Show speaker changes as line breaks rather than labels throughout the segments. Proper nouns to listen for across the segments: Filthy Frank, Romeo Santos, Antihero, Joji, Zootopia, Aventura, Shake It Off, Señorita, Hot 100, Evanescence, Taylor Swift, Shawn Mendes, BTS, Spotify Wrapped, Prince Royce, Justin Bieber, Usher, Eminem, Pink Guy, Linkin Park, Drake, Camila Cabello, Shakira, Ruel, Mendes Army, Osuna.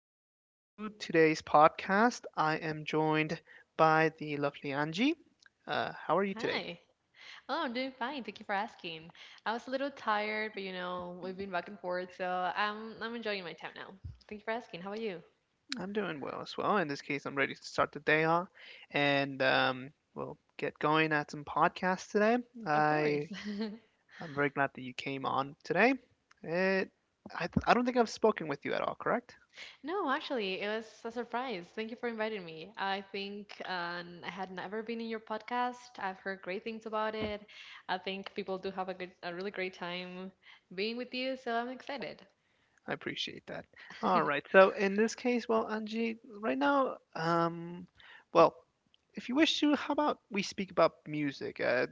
everybody to today's podcast. I am joined by the lovely Angie. How are you today?
Hi. Oh, I'm doing fine. Thank you for asking. I was a little tired, but you know, we've been back and forth, so I'm enjoying my time now. Thank you for asking. How about you?
I'm doing well as well. In this case, I'm ready to start the day off and we'll get going at some podcasts today.
Of course.
I I'm very glad that you came on today. It, I don't think I've spoken with you at all, correct?
No, actually, it was a surprise. Thank you for inviting me. I think I had never been in your podcast. I've heard great things about it. I think people do have a good, a really great time being with you, so I'm excited.
I appreciate that. All right. So in this case, well, Angie, right now, well, if you wish to, how about we speak about music? Uh,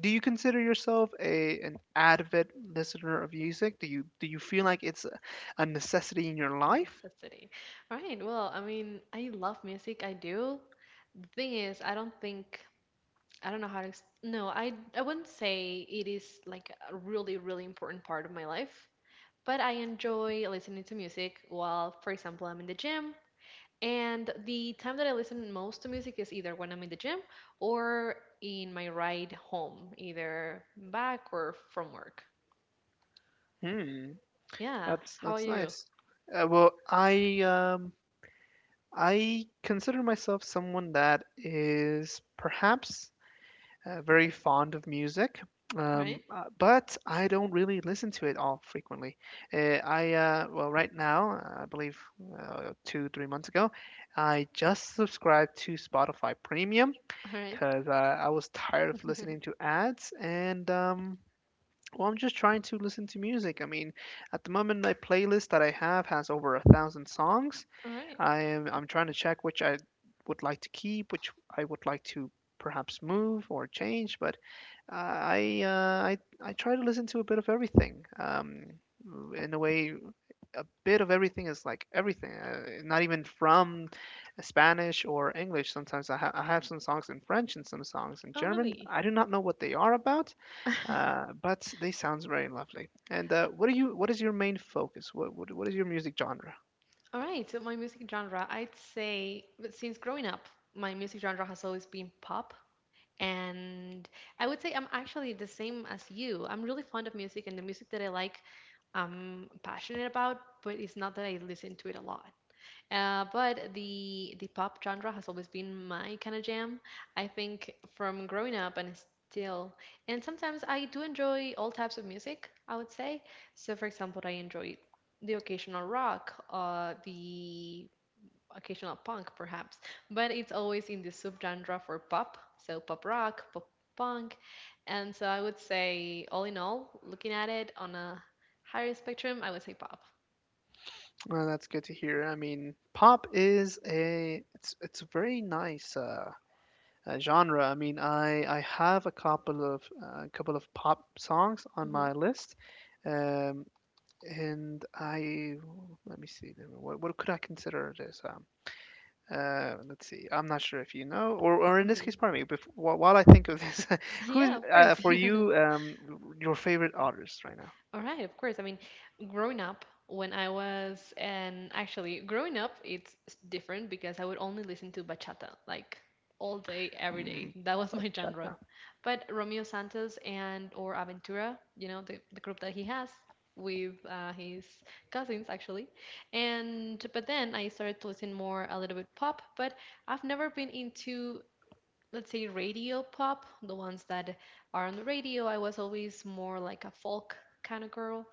do you consider yourself a an avid listener of music? Do you feel like it's a necessity in your
A
life?
necessity. All right. Well, I mean, I love music. I do. The thing is, I don't think I don't know how to no, I wouldn't say it is like a really really important part of my life, but I enjoy listening to music while for example I'm in the gym. And the time that I listen most to music is either when I'm in the gym or in my ride home, either back or from work.
Hmm.
Yeah,
That's
how are
that's
you? All
nice. Uh, well, I um, I consider myself someone that is perhaps very fond of music,
right.
but I don't really listen to it all frequently. Right now, I believe two three months ago, I just subscribed to Spotify Premium
All right.
because I was tired of listening to ads and. Well, I'm just trying to listen to music. I mean, at the moment, my playlist that I have has over a thousand songs.
All right.
I'm trying to check which I would like to keep, which I would like to perhaps move or change, but I try to listen to a bit of everything. In a way, a bit of everything is like everything. Not even from Spanish or English. Sometimes I have some songs in French and some songs in
Oh,
German.
really?
I do not know what they are about, but they sounds very lovely. And what are you? What is your main focus? What is your music genre?
All right. So my music genre, I'd say but since growing up, my music genre has always been pop. And I would say I'm actually the same as you. I'm really fond of music, and the music that I like, I'm passionate about, but it's not that I listen to it a lot. But the pop genre has always been my kind of jam. I think from growing up and still, and sometimes I do enjoy all types of music, I would say. So, for example, I enjoy the occasional rock, the occasional punk perhaps, but it's always in the subgenre for pop, so pop rock, pop punk. And so I would say, all in all, looking at it on a higher spectrum, I would say pop.
Well, that's good to hear. I mean, pop is a it's a very nice. Genre. I mean, I have a couple of pop songs on my
hmm
list, um, and I let me see what could I consider this. Let's see. I'm not sure if you know, or in this case,
hmm
pardon me. Before, while I think of this, who's
Yeah, of course.
for you your favorite artist right now?
All right, of course. I mean, growing up, when I was, and actually, growing up, it's different because I would only listen to bachata like all day, every day.
Mm,
That was my genre.
bachata.
But Romeo Santos and or Aventura, you know, the group that he has with his cousins actually, and but then I started to listen more a little bit pop. But I've never been into let's say radio pop, the ones that are on the radio. I was always more like a folk kind of girl.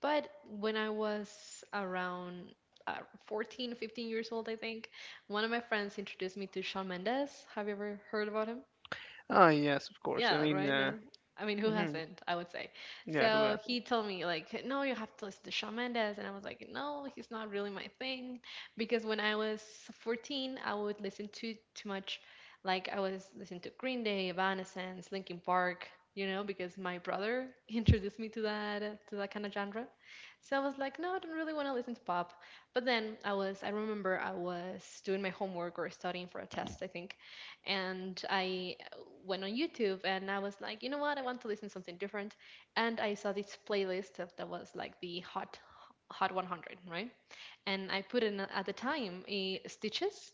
But when I was around uh, 14, 15 years old, I think, one of my friends introduced me to Shawn Mendes. Have you ever heard about him?
Ah, yes, of course. I
Yeah,
mean,
right now. I mean, who
mhm,
hasn't? I would say.
yeah. Who
So
else?
he told me like, no, you have to listen to Shawn Mendes, and I was like, no, he's not really my thing, because when I was 14, I would listen to too much, like I was listening to Green Day, Evanescence, Linkin Park, you know, because my brother introduced me to that kind of genre. So I was like, no, I don't really want to listen to pop. But then I was, I remember I was doing my homework or studying for a test, I think, and I went on YouTube and I was like, you know what? I want to listen to something different. And I saw this playlist of, that was like the Hot 100, right? And I put in at the time Stitches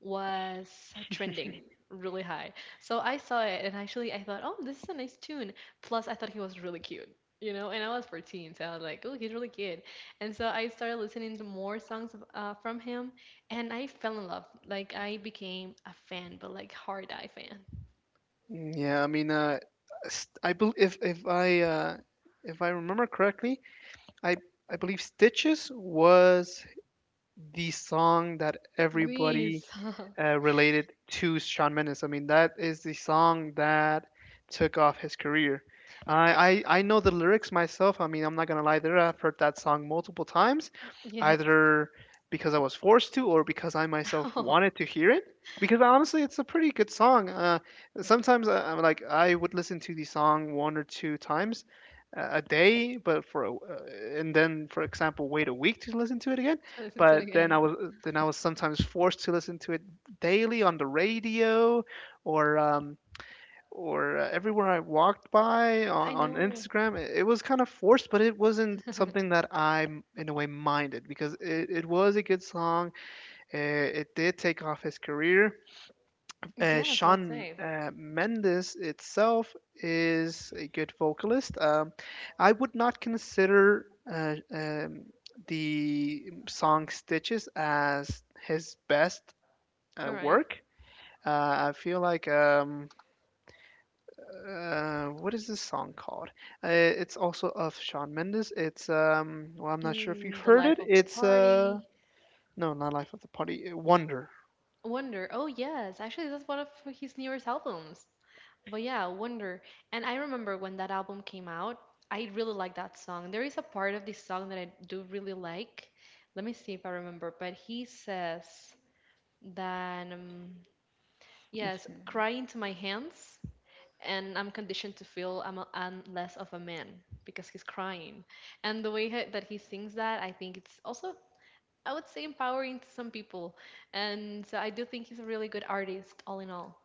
was trending really high. So I saw it and actually I thought, oh, this is a nice tune. Plus, I thought he was really cute, you know, and I was 14, so I was like, oh, he's really cute. And so I started listening to more songs from him and I fell in love. Like, I became a fan, but like, hard eye fan.
Yeah, I mean, s- I bel if I remember correctly, I I believe Stitches was the song that everybody
Breeze.
related to Shawn Mendes. I mean, that is the song that took off his career. I know the lyrics myself. I mean, I'm not gonna lie there. I've heard that song multiple times,
Yes.
either because I was forced to or because I myself
Oh,
wanted to hear it. Because honestly, it's a pretty good song. Sometimes I'm like I would listen to the song one or two times a day, and then for example wait a week to listen to it again.
to listen to it
But then
again.
I was Then I was sometimes forced to listen to it daily on the radio or um, or uh, everywhere I walked by
I
on
know.
Instagram. It was kind of forced, but it wasn't something that I, in a way, minded because it was a good song. It did take off his career.
Yes, I would
Sean
say.
Mendes itself is a good vocalist. I would not consider the song Stitches as his best
All right.
work. I feel like What is this song called? It's also of Shawn Mendes. It's Well, I'm not sure if you've
Mm, The
heard
Life
it.
of the
It's
Party.
No, not Life of the Party. Wonder.
Wonder. Oh, yes. Actually, that's one of his newest albums. But yeah, Wonder. And I remember when that album came out, I really liked that song. There is a part of this song that I do really like. Let me see if I remember. But he says that, yes,
Mhm.
cry into my hands, and I'm conditioned to feel I'm, a, I'm less of a man because he's crying. And the way that he sings that, I think it's also I would say empowering to some people. And I do think he's a really good artist, all in all.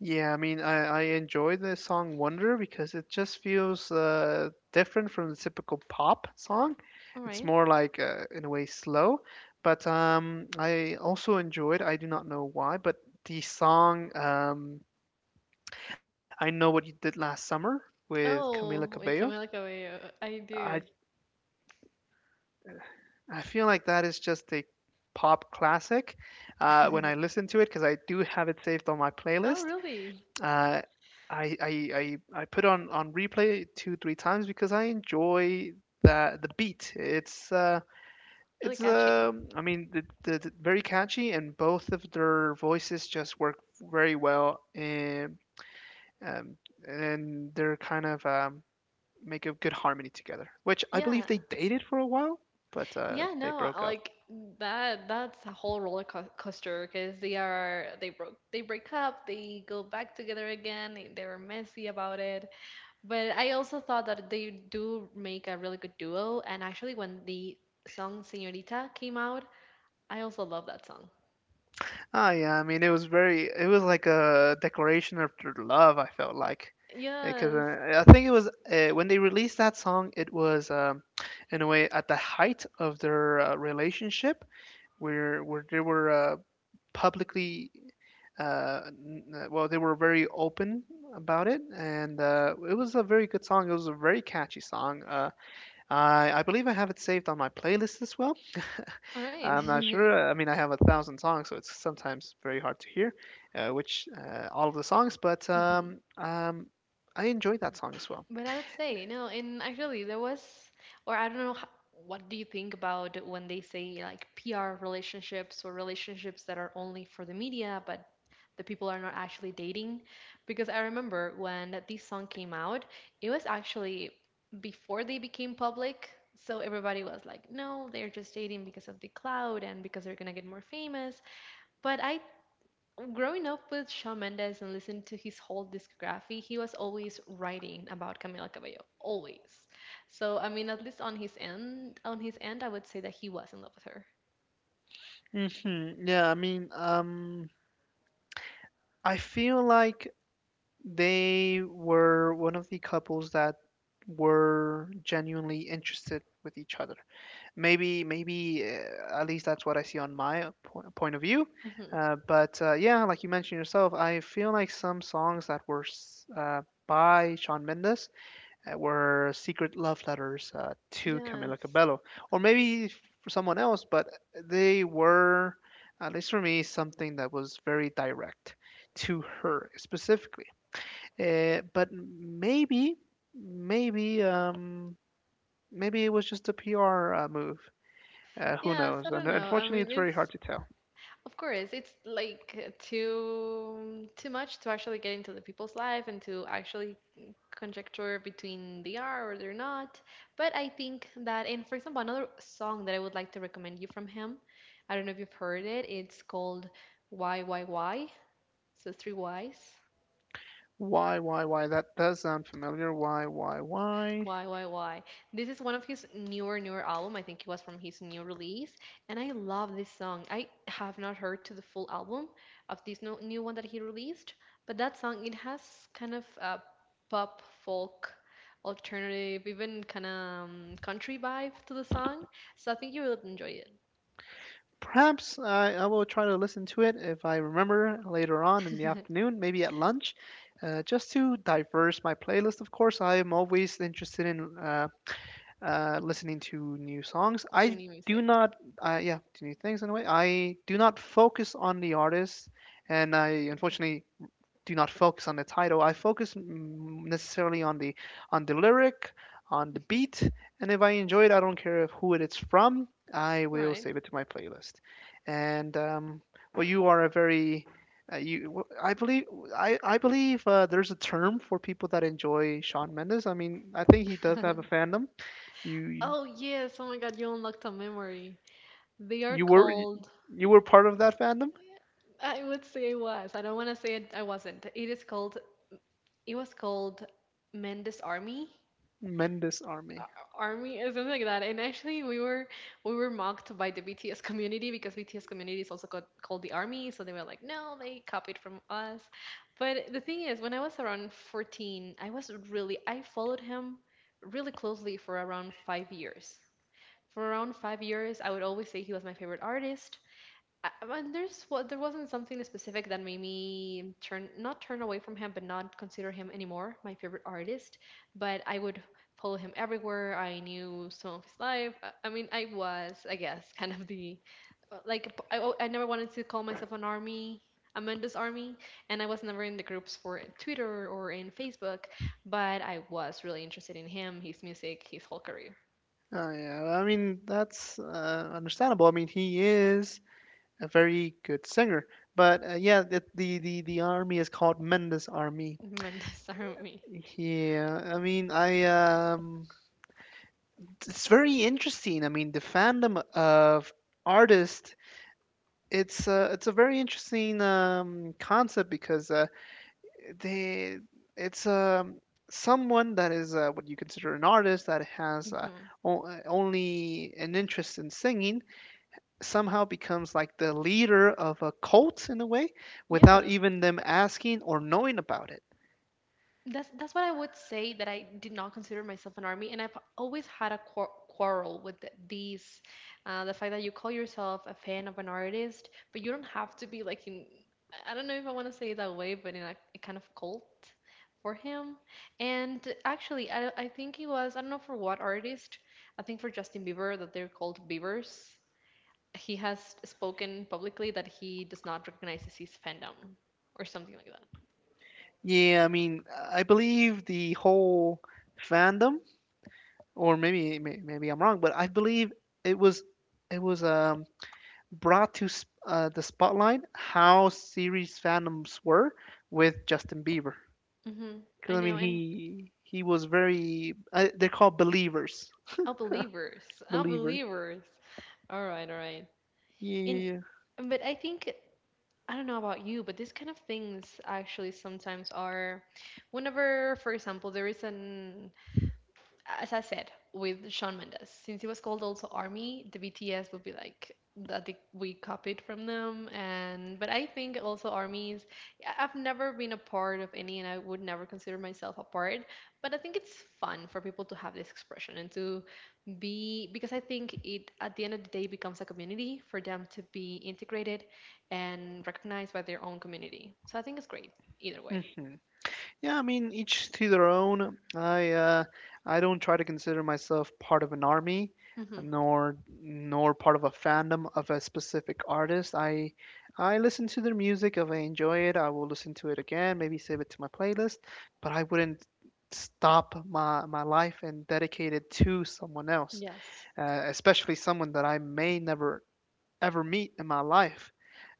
Yeah, I mean, I enjoy the song Wonder because it just feels different from the typical pop song.
All
It's
right.
more like, in a way, slow. But I also enjoyed, I do not know why, but the song, I know what you did last summer with Camila
Oh, wait,
Cabello.
Camila Cabello. I
I
do.
I feel like that is just a pop classic. When I listen to it, because I do have it saved on my
Oh,
playlist,
really?
uh, I put on replay two three times because I enjoy that the beat.
Really
It's
catchy.
I mean the very catchy and both of their voices just work very well um, and they're kind of make a good harmony together. Which I believe
Yeah.
they dated for a while, but
Yeah,
they
no,
broke up.
like that that's a whole roller co coaster because they are they broke they break up, they go back together again, they were messy about it. But I also thought that they do make a really good duo and actually when the song Señorita came out, I also love that song.
Ah, yeah. I mean, it was very. It was like a declaration of their love. I felt like, because
Yes.
I think it was when they released that song. It was in a way at the height of their relationship, where they were publicly. They were very open about it, and it was a very good song. It was a very catchy song. I believe I have it saved on my playlist as well.
All right.
I'm not sure. I mean, I have a thousand songs, so it's sometimes very hard to hear which all of the songs, but
Mhm.
I enjoyed that song as well.
But I would say no, and actually there was, or I don't know, what do you think about when they say like PR relationships or relationships that are only for the media, but the people are not actually dating? Because I remember when this song came out, it was actually before they became public. So everybody was like, no, they're just dating because of the cloud and because they're gonna get more famous. But I growing up with Shawn Mendes and listening to his whole discography, he was always writing about Camila Cabello, always. So I mean, at least on his end, I would say that he was in love with her.
Hmm Yeah, I mean, I feel like they were one of the couples that were genuinely interested with each other. Maybe at least that's what I see on my point of view.
hmm
But yeah, like you mentioned yourself, I feel like some songs that were by Shawn Mendes were secret love letters to Camila
Yes,
Cabello, or maybe for someone else, but they were, at least for me, something that was very direct to her specifically. Uh, but maybe, maybe, um, Maybe it was just a PR move who
yes. I
knows? And
don't know. I
unfortunately,
mean,
it's very hard
it's
to tell.
of course it's like too too much to actually get into the people's life and to actually conjecture between they are or they're not. But I think that, and for example, another song that I would like to recommend you from him, I don't know if you've heard it, it's called Why, Why. So three Ys.
Why, why? That does sound familiar. Why, why?
Why, why? This is one of his newer album. I think it was from his new release, and I love this song. I have not heard to the full album of this no, new one that he released, but that song it has kind of a pop folk alternative, even kind of country vibe to the song. So I think you will enjoy it.
Perhaps I will try to listen to it if I remember later on in the afternoon, maybe at lunch, just to diverse my playlist. Of course, I am always interested in listening to new songs.
To
I
new
do
music.
not, yeah, to new things in a way. I do not focus on the artist, and I unfortunately do not focus on the title. I focus necessarily on the lyric, on the
Mhm.
beat, and if I enjoy it, I don't care who it is from. I
All
will
right.
save it to my playlist. And you are a very I believe I believe there's a term for people that enjoy Shawn Mendes. I mean, I think he does have a fandom. You
Oh yes! Oh my God, you unlocked a memory. They are
you were
called
you were part of that fandom,
I would say it was. I don't want to say it. I wasn't. It is called. It was called Mendes Army,
Mendes Army.
Army or something like that. And actually, we were mocked by the BTS community because BTS community is also called, called the Army. So they were like, no, they copied from us. But the thing is, when I was around 14, I was really I followed him really closely for around 5 years. For around 5 years, I would always say he was my favorite artist. I mean, there's what there wasn't something specific that made me turn not turn away from him, but not consider him anymore my favorite artist. But I would follow him everywhere. I knew some of his life. I mean, I was, I guess, kind of the I never wanted to call myself an army. Amanda's army, and I was never in the groups for Twitter or in Facebook, but I was really interested in him, his music, his whole career.
Oh, yeah. I mean, that's understandable. I mean, he is a very good singer. But yeah, the army is called Mendes Army.
Amanda's army.
Yeah, I mean, I it's very interesting. I mean, the fandom of artists, it's a very interesting concept because they it's someone that is what you consider an artist that has
hmm
only an interest in singing somehow becomes like the leader of a cult in a way without
Yeah,
even them asking or knowing about it.
that's what I would say that I did not consider myself an army, and I've always had a quarrel with th these, the fact that you call yourself a fan of an artist, but you don't have to be like in, I don't know if I want to say it that way, but in a kind of cult for him. And actually, I think he was I don't know for what artist, I think for Justin Bieber that they're called Biebers. He has spoken publicly that he does not recognize his fandom or something like that.
Yeah, I mean, I believe the whole fandom, or maybe I'm wrong, but I believe it was it was brought to the spotlight how series fandoms were with Justin Bieber.
hmm I
Because I mean,
know, and.
he was very they're called believers,
Oh, believers. Oh,
believers.
believers. All right, all right.
Yeah,
And
yeah,
but I think, I don't know about you, but these kind of things actually sometimes are whenever, for example, there is an, as I said with Sean Mendes, since he was called also Army, the BTS would be like that they, we copied from them. And but I think also armies, I've never been a part of any and I would never consider myself a part, but I think it's fun for people to have this expression and to be, because I think it, at the end of the day, becomes a community for them to be integrated and recognized by their own community. So I think it's great either
yeah.
way.
Mm-hmm. Yeah, I mean, each to their own. I don't try to consider myself part of an army,
Hmm.
nor part of a fandom of a specific artist. I listen to their music if I enjoy it. I will listen to it again, maybe save it to my playlist, but I wouldn't stop my life and dedicate it to someone else,
Yes.
especially someone that I may never ever meet in my life.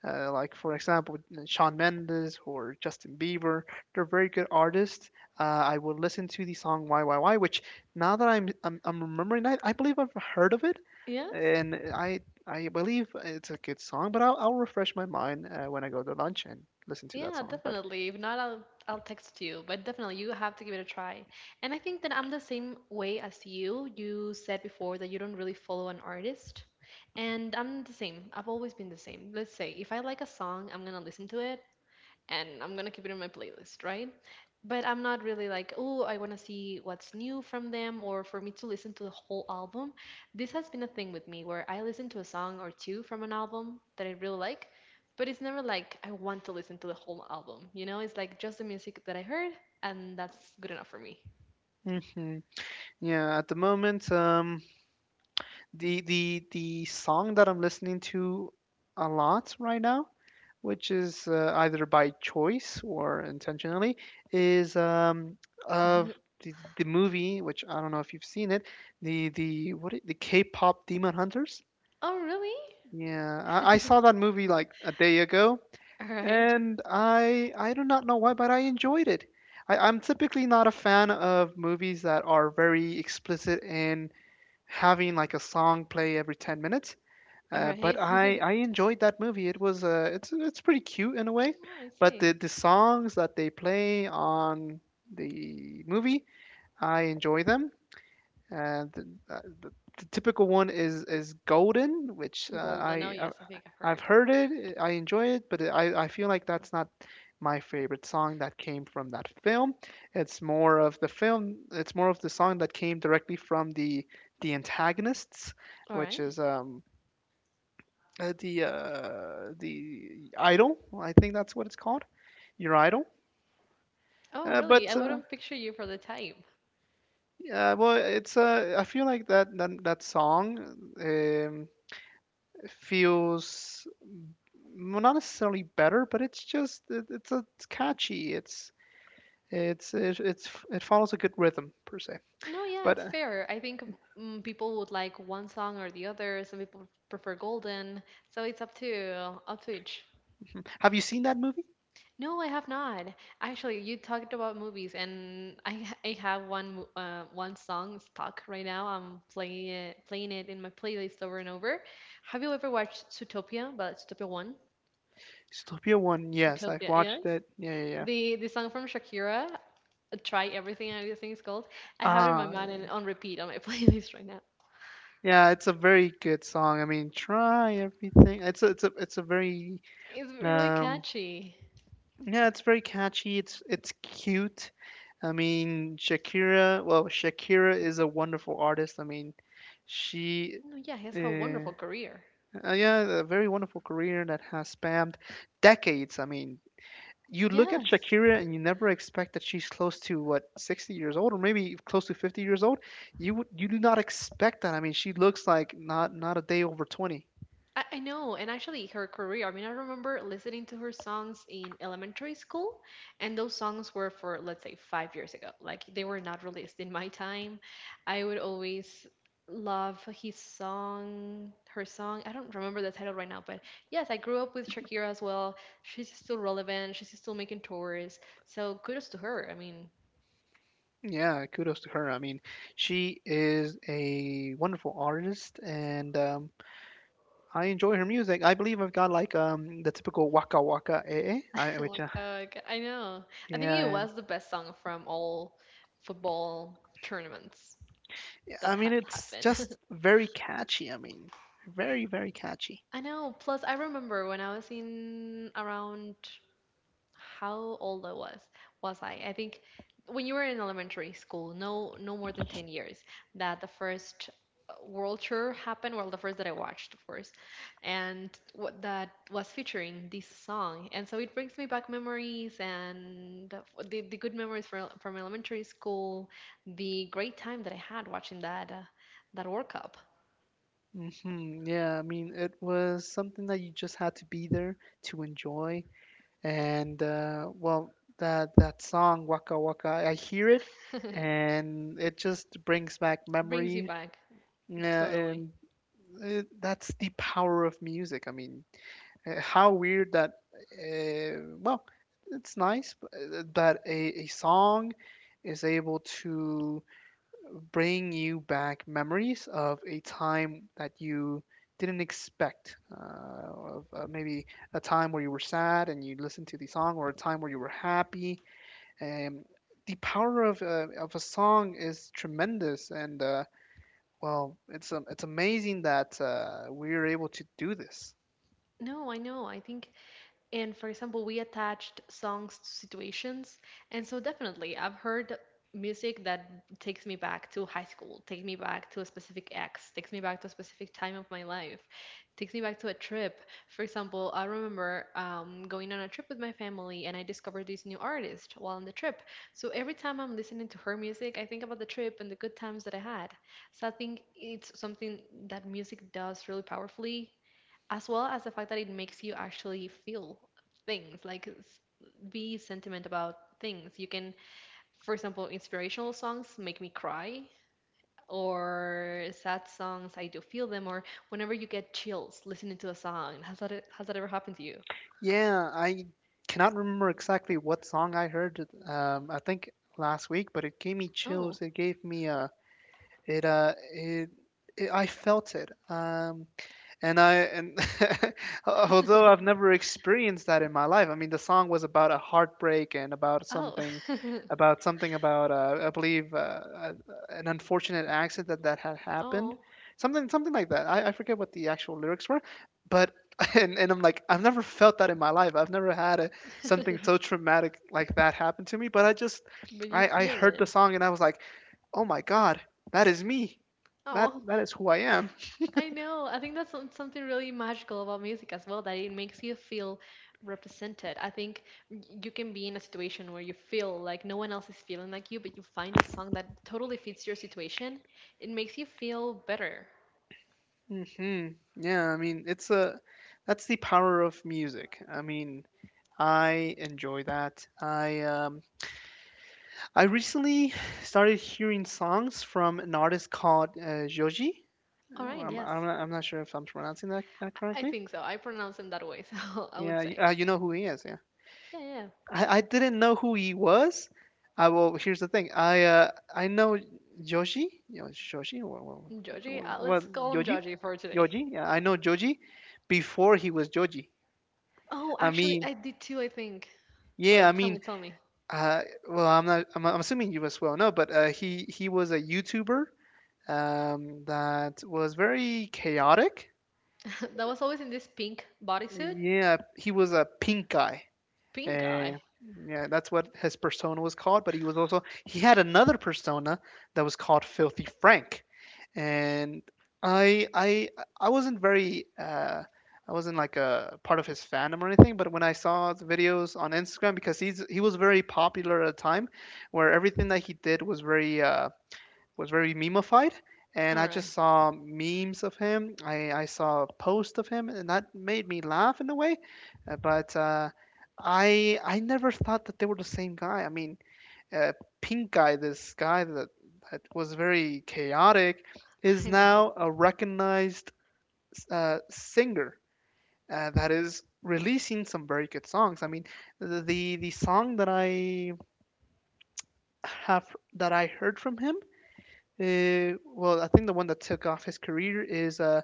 Like for example, Shawn Mendes or Justin Bieber, they're very good artists. I would listen to the song Why," which now that I'm remembering that, I believe I've heard of it,
Yes.
and I believe it's a good song. But I'll refresh my mind when I go to lunch and listen to that
Yeah,
song. But
definitely. If not, I'll text you. But definitely, you have to give it a try. And I think that I'm the same way as you. You said before that you don't really follow an artist, and I'm the same. I've always been the same. Let's say if I like a song, I'm gonna listen to it, and I'm gonna keep it in my playlist, right? But I'm not really like, oh, I wanna see what's new from them or for me to listen to the whole album. This has been a thing with me where I listen to a song or two from an album that I really like, but it's never like I want to listen to the whole album, you know? It's like just the music that I heard, and that's good enough for me.
hmm yeah, at the moment, the song that I'm listening to a lot right now which is either by choice or intentionally, is of the movie, which I don't know if you've seen it, the K-pop Demon Hunters.
Oh, really?
Yeah, I saw that movie like a day ago,
All right,
and I do not know why, but I enjoyed it. I'm typically not a fan of movies that are very explicit in having like a song play every 10 minutes.
all
Uh,
right.
but I enjoyed that movie. It was it's pretty cute in a way,
Oh, I
but the
see.
the songs that they play on the movie, I enjoy them. Uh, the, uh, the, the typical one is Golden, which
Golden. Oh, yes, I think I've
I've
heard.
heard it, I enjoy it, but I feel like that's not my favorite song that came from that film. It's more of the film. It's more of the song that came directly from the antagonists,
All
which
right.
is the idol. I think that's what it's called. Your idol.
Oh, really? I
But
wouldn't picture you for the type.
yeah, well, it's I feel like that song um, feels well, not necessarily better, but it's just it's catchy. It follows a good rhythm per se.
No, yeah,
But
it's fair. I think people would like one song or the other. Some people prefer Golden, so it's up to each.
Have you seen that movie?
No, I have not. Actually, you talked about movies, and I have one song stuck right now. I'm playing it in my playlist over and over. Have you ever watched Zootopia? But Zootopia one,
Zootopia One. Yes, I've
Zootopia,
watched
yes.
it. Yeah, yeah, yeah.
The song from Shakira, Try Everything. I think it's called. I have it in my
Ah,
mind and on repeat on my playlist right now.
yeah, it's a very good song. I mean, try everything. It's a very
It's really
um
catchy.
yeah, it's very catchy. It's cute. I mean, Shakira, well, Shakira is a wonderful artist. I mean, she
No, yeah, he has a
uh,
wonderful career.
yeah, a very wonderful career that has spanned decades. I mean, you look at
Yes.
Shakira and you never expect that she's close to what, 60 years old or maybe close to 50 years old. You do not expect that. I mean, she looks like not a day over 20.
I know, and actually her career, I mean, I remember listening to her songs in elementary school, and those songs were for, let's say, 5 years ago. Like, they were not released in my time. I would always love his song, her song. I don't remember the title right now, but yes, I grew up with Shakira as well. She's still relevant, she's still making tours. So kudos to her. I mean,
Yeah, kudos to her. I mean, she is a wonderful artist and I enjoy her music. I believe I've got like the typical waka waka, eh, eh, which
Like, I know. I think it
yeah,
was the best song from all football tournaments
I
that
mean
had
it's
happened.
just very catchy. I mean, very catchy.
I know. Plus, I remember when I was in around, how old I was I? I think when you were in elementary school, no no more than 10 years, that the first world tour happened, well the first that I watched, of course. And what that was featuring this song. And so it brings me back memories and the the good memories from elementary school, the great time that I had watching that that World Cup.
Yeah, I mean it was something that you just had to be there to enjoy. And well, that song waka waka, I hear it, and it just brings back
Brings you
memories.
back,
Yeah,
totally.
and that's the power of music. I mean, how weird that, well, it's nice, but that a song is able to bring you back memories of a time that you didn't expect, of maybe a time where you were sad and you listened to the song, or a time where you were happy. And the power of a song is tremendous, and it's amazing that we're able to do this.
No, I know. I think. And for example, we attached songs to situations. And so definitely, I've heard music that takes me back to high school, takes me back to a specific ex, takes me back to a specific time of my life, takes me back to a trip. For example, I remember going on a trip with my family and I discovered this new artist while on the trip. So every time I'm listening to her music, I think about the trip and the good times that I had. So I think it's something that music does really powerfully, as well as the fact that it makes you actually feel things like be sentiment about things you can, for example, inspirational songs make me cry, or sad songs I do feel them, or whenever you get chills listening to a song. Has that has that ever happened to you?
Yeah, I cannot remember exactly what song I heard. I think last week, but it gave me
Oh.
chills. It gave me a it it, it I felt it. And although I've never experienced that in my life, I mean the song was about a heartbreak and about
Oh.
something about I believe an unfortunate accident that had happened,
Oh.
something like that. I forget what the actual lyrics were, but and I'm like I've never felt that in my life. I've never had something so traumatic like that happen to me. But I just
But you
I
feel
heard the
it.
song and I was like, oh my god, that is me.
Oh.
That is who I am.
I know. I think that's something really magical about music as well, that it makes you feel represented. I think you can be in a situation where you feel like no one else is feeling like you, but you find a song that totally fits your situation. It makes you feel better.
hmm Yeah, I mean, it's a that's the power of music. I mean, I enjoy that. I recently started hearing songs from an artist called Joji.
All
Uh,
right,
I'm,
yes.
I'm not, I'm not sure if I'm pronouncing that
I
correctly.
think so. I pronounce him that way, so I would
Yeah,
say.
you know who he is, yeah.
Yeah, yeah.
I didn't know who he was. I well, here's the thing. I know Joji, you know, Joji,
Georgie,
what
let's call him
Joji?
Georgie for today.
Joji? Yeah, I know Joji before he was Joji.
Oh,
I
actually,
mean,
I did too, I think.
yeah, I
But tell me,
mean,
tell me.
uh, well, I'm not. I'm assuming you as well know, but he was a YouTuber that was very chaotic.
That was always in this pink bodysuit?
Yeah, he was a pink guy.
Pink
Uh,
eye.
yeah, that's what his persona was called. But he was also he had another persona that was called Filthy Frank, and I I I wasn't very I wasn't like a part of his fandom or anything. But when I saw the videos on Instagram, because he was very popular at a time where everything that he did was very memeified, and
All
I just
right,
saw memes of him. I saw posts of him, and that made me laugh in a way. But I never thought that they were the same guy. I mean, uh, Pink Guy, this guy that was very chaotic, is
I know.
now a recognized singer that is releasing some very good songs. I mean, the the song that I have that I heard from him. Well, I think the one that took off his career is uh,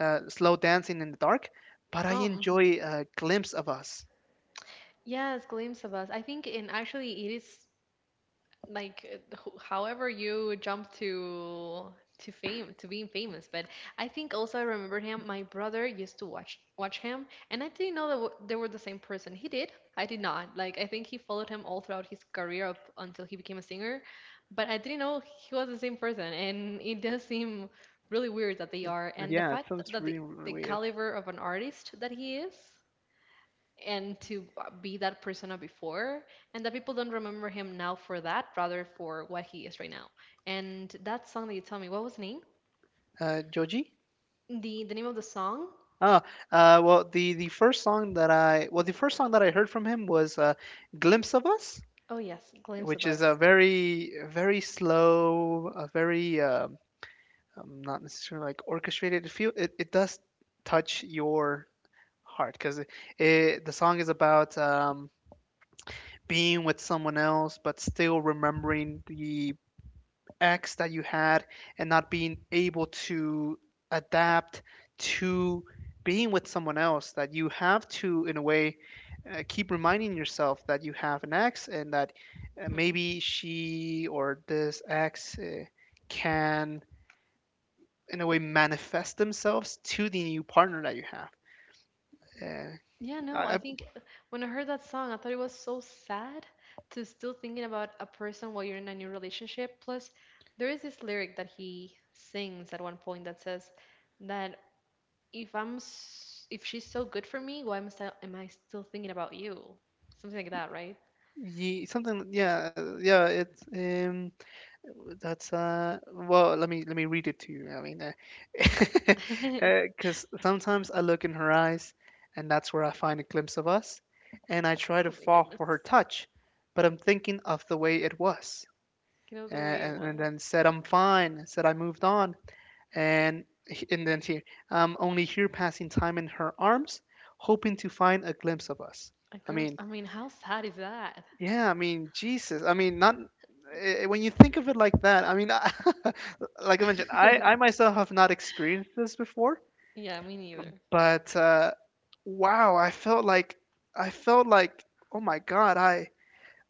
uh, Slow Dancing in the Dark, but I
Oh,
enjoy Glimpse of Us.
yes, glimpse of us. I think, and actually, it is like however you jump to fame to being famous. But I think also I remember him. My brother used to watch him, and I didn't know that they were the same person. He did, I did not. Like I think he followed him all throughout his career up until he became a singer, but I didn't know he was the same person, and it does seem really weird that they
It-
are. And the
yeah, it
fact
sounds
that the
really, really weird.
caliber of an artist that he is, and to be that persona before, and that people don't remember him now for that, rather for what he is right now. And that song that you tell me, what was the name,
Joji?
the name of the song.
Oh, well, the first song that I well the first song that I heard from him was "Glimpse of Us,"
Oh yes, glimpse of
which is a
us.
very slow, a very not necessarily like orchestrated. It does touch your heart because the song is about being with someone else, but still remembering the ex that you had and not being able to adapt to being with someone else. That you have to, in a way, keep reminding yourself that you have an ex and that
Mhm.
maybe she or this ex can, in a way, manifest themselves to the new partner that you have. Uh,
Yeah, no,
I,
I
I,
think when I heard that song I thought it was so sad to still thinking about a person while you're in a new relationship. Plus there is this lyric that he sings at one point that says that, if if she's so good for me, why am I still thinking about you? Something like that, right?
yeah, yeah, it's. That's well let me read it to you. I mean because sometimes I look in her eyes and that's where I find a glimpse of us, and I try
Oh
to
my
fall for her
goodness.
touch, but I'm thinking of the way it was,
You know the way it
and,
was.
then said I'm fine, said I moved on. and and then here I'm only here passing time in her arms hoping to find a glimpse of us.
A
I
glimpse.
mean,
I mean, how sad is that?
yeah, I mean, Jesus. I mean, not when you think of it like that. I mean, like I mentioned, I myself have not experienced this before,
Yeah, me neither.
but wow, I felt like, oh my God,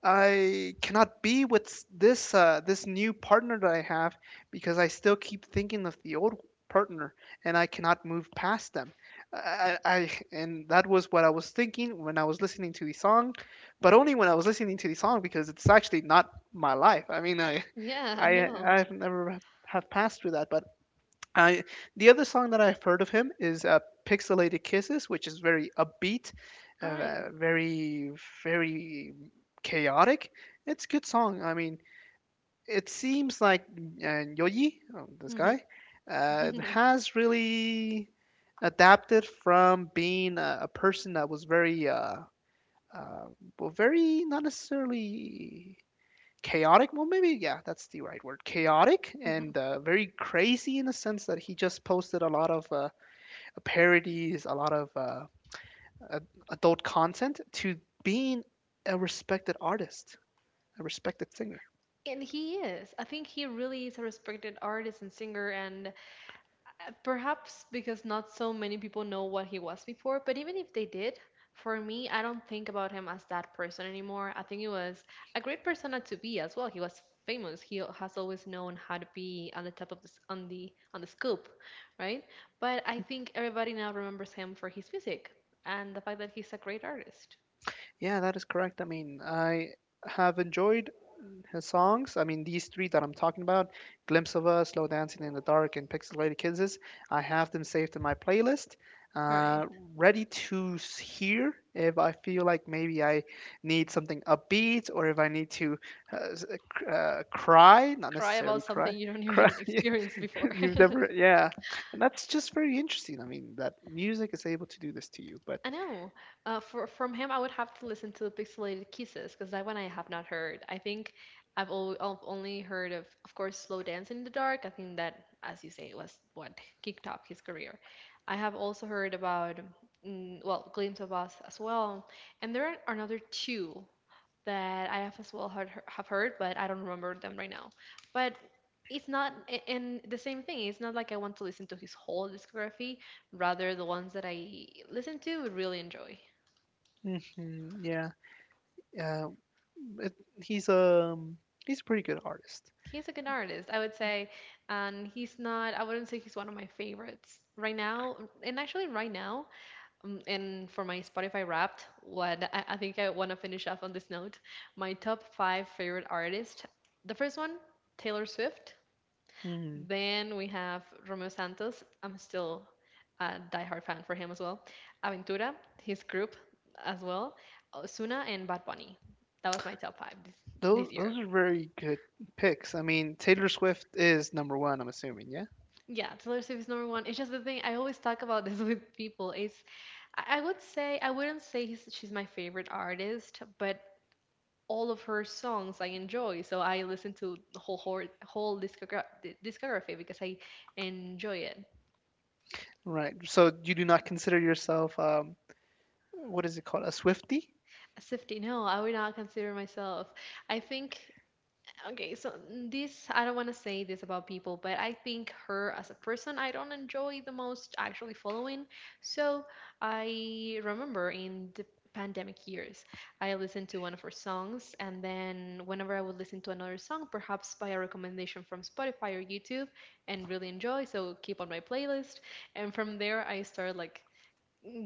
I cannot be with this new partner that I have because I still keep thinking of the old partner, and I cannot move past them. I- and That was what I was thinking when I was listening to the song, but only when I was listening to the song because it's actually not my life. I mean,
Yeah, I know.
I've never have passed through that, but I the other song that I've heard of him is "Pixelated Kisses," which is very upbeat,
All right.
uh, very very chaotic. It's a good song. I mean, it seems like Yoji, oh, this
Mm-hmm.
guy, has really adapted from being a person that was very uh, well, very not necessarily chaotic, well maybe yeah that's the right word, chaotic, and very crazy in the sense that he just posted a lot of parodies, a lot of adult content, to being a respected artist, a respected singer.
And he is. I think he really is a respected artist and singer, and perhaps because not so many people know what he was before, but even if they did, for me, I don't think about him as that person anymore. I think he was a great persona to be as well. He was famous. He has always known how to be on the top of this, on the scoop, right? But I think everybody now remembers him for his music and the fact that he's a great artist.
Yeah, that is correct. I mean, I have enjoyed his songs. I mean, these three that I'm talking about, Glimpse of Us, Slow Dancing in the Dark, and Pixelated Kisses, I have them saved in my playlist,
All right.
uh, ready to hear if I feel like maybe I need something upbeat or if I need to cry, not
Cry
necessarily
about
cry.
something you don't
Cry.
even experience before.
You've never, yeah. And that's just very interesting. I mean, that music is able to do this to you. But
I know. For from him, I would have to listen to Pixelated Kisses because that one I have not heard. I think I've only heard of course, Slow Dance in the Dark. I think that, as you say, was what kicked off his career. I have also heard about, well, Glimpse of Us as well, and there are another two that I have as well heard, have heard, but I don't remember them right now. But it's not, and the same thing. It's not like I want to listen to his whole discography, rather the ones that I listen to would really enjoy.
yeah. Uh, it, he's he's a pretty good artist.
He's a good artist, I would say, and he's not. I wouldn't say he's one of my favorites right now. And actually, right now, and for my Spotify Wrapped, what I think I want to finish off on this note, my top five favorite artist. The first one, Taylor Swift.
Mm.
Then we have Romeo Santos. I'm still a diehard fan for him as well. Aventura, his group as well. Osuna and Bad Bunny. That was my top five this, this year.
Those are very good picks. I mean, Taylor Swift is number one, I'm assuming, yeah?
Yeah, Taylor Swift is number one. It's just the thing. I always talk about this with people. It's I would say I wouldn't say he's, she's my favorite artist, but all of her songs I enjoy. So I listen to the whole discography because I enjoy it.
Right. So you do not consider yourself what is it called? A Swiftie?
Safety, no, I would not consider myself. I think, okay, so this, I don't want to say this about people, but I think her as a person, I don't enjoy the most actually following. So I remember in the pandemic years, I listened to one of her songs, and then whenever I would listen to another song, perhaps by a recommendation from Spotify or YouTube, and really enjoy, so keep on my playlist. And from there, I started like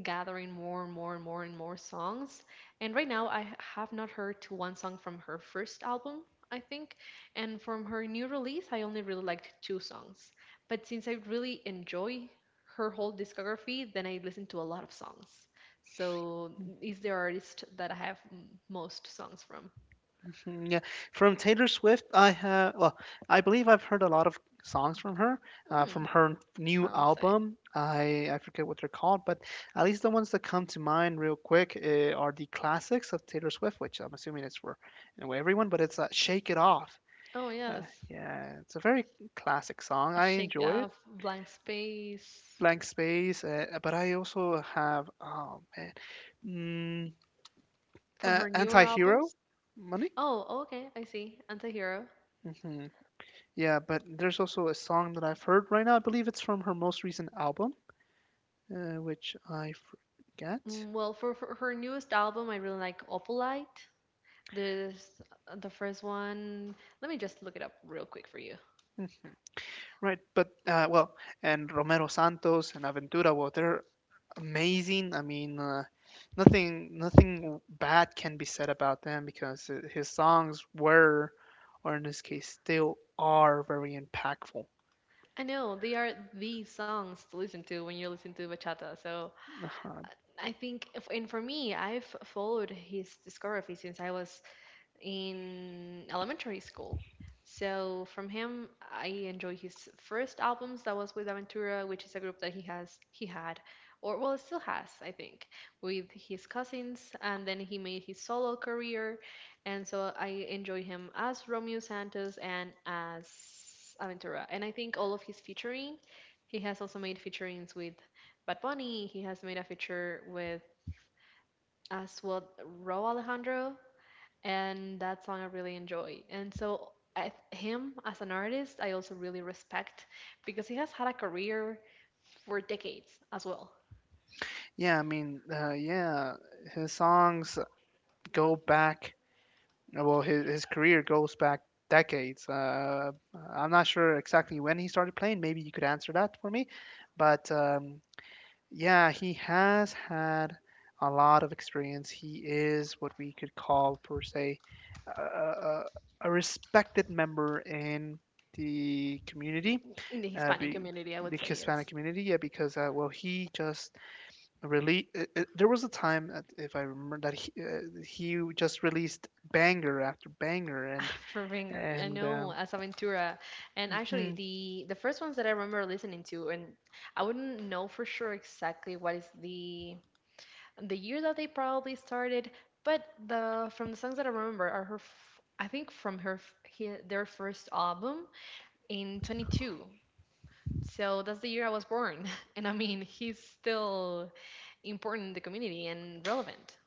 gathering more and more and more and more songs. And right now, I have not heard to one song from her first album, I think. And from her new release, I only really liked two songs. But since I really enjoy her whole discography, then I listen to a lot of songs. So, is the artist that I have most songs from?
Yeah, from Taylor Swift, I have well, I believe I've heard a lot of songs
Hmm.
from her new
I would say.
album. I forget what they're called, but at least the ones that come to mind real quick are the classics of Taylor Swift, which I'm assuming is for anyway everyone, but it's "Shake It Off."
Oh,
Uh,
yes.
yeah, it's a very classic song. I
Shake It
enjoy it.
Off, Blank Space,
Blank Space, but I also have oh man, mm,
from her newer
Anti-Hero,
albums.
Money.
Oh, okay, I see. Antihero.
Mm-hmm. Yeah, but there's also a song that I've heard right now. I believe it's from her most recent album, which I forget.
Well, for her newest album, I really like Opalite. There's the first one. Let me just look it up real quick for you.
Right, but and Romero Santos and Aventura, well, they're amazing. I mean, nothing bad can be said about them because his songs were, or in this case, still are very impactful.
I know they are the songs to listen to when you listen to bachata. So
Uh-huh.
uh, I think, if, and for me, I've followed his discography since I was in elementary school. So from him, I enjoy his first albums that was with Aventura, which is a group that he had, or well, still has, I think, with his cousins, and then he made his solo career, and so I enjoy him as Romeo Santos and as Aventura, and I think all of his featuring, he has also made featurings with Bad Bunny. He has made a feature with, as well, Ro Alejandro, and that song I really enjoy. And so I, him as an artist, I also really respect because he has had a career for decades as well
Yeah, I mean, yeah, his songs go back uh, well, his career goes back decades. I'm not sure exactly when he started playing. Maybe you could answer that for me. But yeah, he has had a lot of experience. He is what we could call, per se, a, a, a respected member in the community,
in the
uh,
Hispanic
be,
community. I would
the
say
Hispanic
yes.
community. Yeah, because well, he just really there was a time that if I remember that he just released banger after banger and
For Ringer, I
and
know
um,
as Aventura, and actually
mhm.
the first ones that I remember listening to, and I wouldn't know for sure exactly what is the year that they probably started, but the from the songs that I remember are I think from her f- he, their first album in 22. So that's the year I was born. And I mean, he's still important in the community and relevant.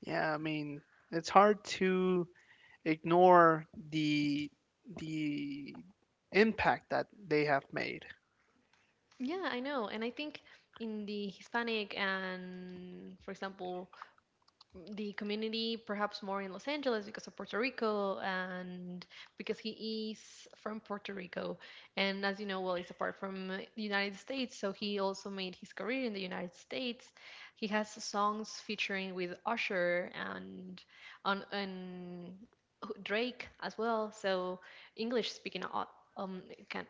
yeah i mean it's hard to ignore the impact that they have made.
Yeah, I know. And I think in the Hispanic and, for example, the community, perhaps more in Los Angeles because of Puerto Rico, and because he is from Puerto Rico. And as you know, well, he's apart from the United States. So he also made his career in the United States. He has songs featuring with Usher and on Drake as well. So English speaking um can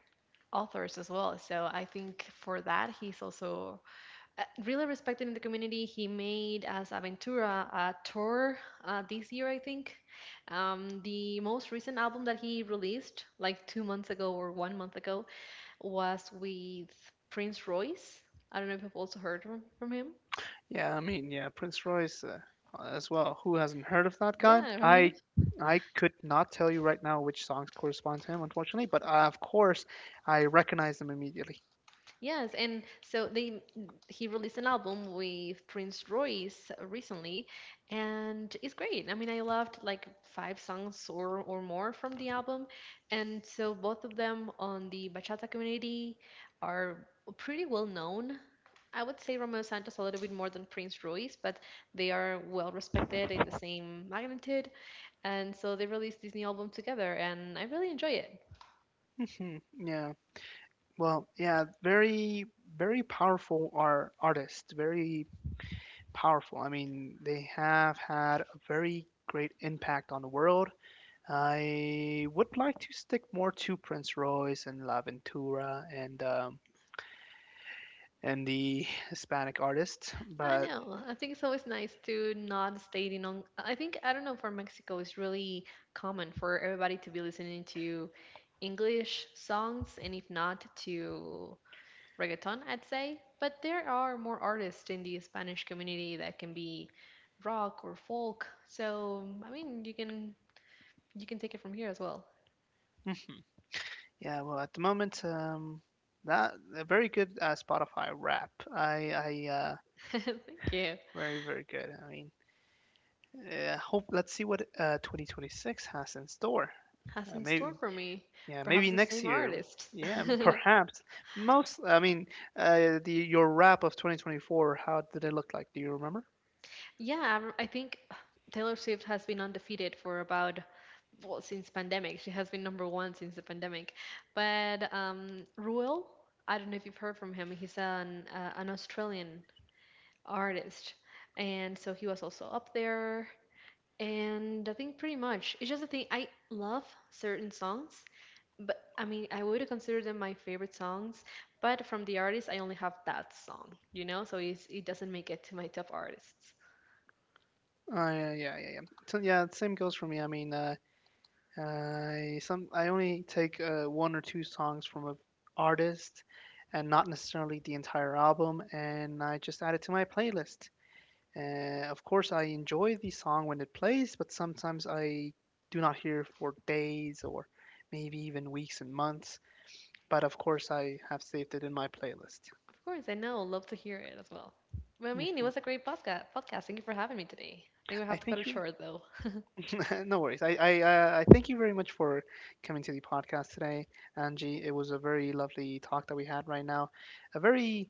authors as well. So I think for that he's also really respected in the community. He made as Aventura a tour this year, I think. The most recent album that he released, like 2 months ago or 1 month ago, was with Prince Royce. I don't know if you've also heard from, him.
Yeah, I mean, yeah, Prince Royce, as well, who hasn't heard of that guy?
Yeah,
i
right.
I could not tell you right now which songs correspond to him, unfortunately, but of course, I recognize them immediately.
Yes, and so they he released an album with Prince Royce recently, and it's great. I mean, I loved like five songs or more from the album, and so both of them on the bachata community are pretty well known. I would say Romeo Santos a little bit more than Prince Royce, but they are well respected in the same magnitude, and so they released this new album together, and I really enjoy it.
Yeah. Well, yeah, very powerful are artists, very powerful. I mean, they have had a very great impact on the world. I would like to stick more to Prince Royce and La Ventura and the Hispanic artists,
I
but
know. I think it's always nice to not stating on. I think I don't know, for Mexico it's really common for everybody to be listening to English songs, and if not, to reggaeton, I'd say. But there are more artists in the Spanish community that can be rock or folk. So I mean, you can take it from here as well.
mhm. yeah, well, at the moment, that a very good Spotify rap.
Thank you.
Very, very good. I mean, hope let's see what 2026 has in store.
Has in
Maybe
store for me,
yeah,
perhaps
maybe
the
next
same
year.
artist.
Yeah, perhaps. Most I mean, the your wrap of 2024. How did it look like? Do you remember?
Yeah, I think Taylor Swift has been undefeated for about, well, since pandemic. She has been number one since the pandemic. But Ruel, I don't know if you've heard from him. He's an Australian artist, and so he was also up there. And I think pretty much it's just the thing. I love certain songs, but I mean I would consider them my favorite songs. But from the artist, I only have that song, you know. So it's, it doesn't make it to my top artists.
Uh, yeah, yeah, yeah. yeah. So, yeah, same goes for me. I mean, I only take one or two songs from a artist, and not necessarily the entire album, and I just add it to my playlist. Of course, I enjoy the song when it plays, but sometimes I do not hear for days or maybe even weeks and months. But of course, I have saved it in my playlist.
Of course, I know. Love to hear it as well. Well, I mean, it
hmm
was a great podcast. Podcast. Thank you for having me today. I think we
I
have to cut
thank
it
you.
short though.
No worries. I thank you very much for coming to the podcast today, Angie. It was a very lovely talk that we had right now. A very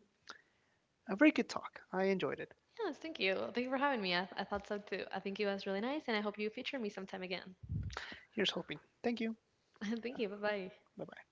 a very good talk. I enjoyed it.
Yes, thank you. Thank you for having me. I thought so too. I think it was really nice, and I hope you feature me sometime again.
Here's hoping. Thank you.
Thank you. Bye bye.
Bye bye.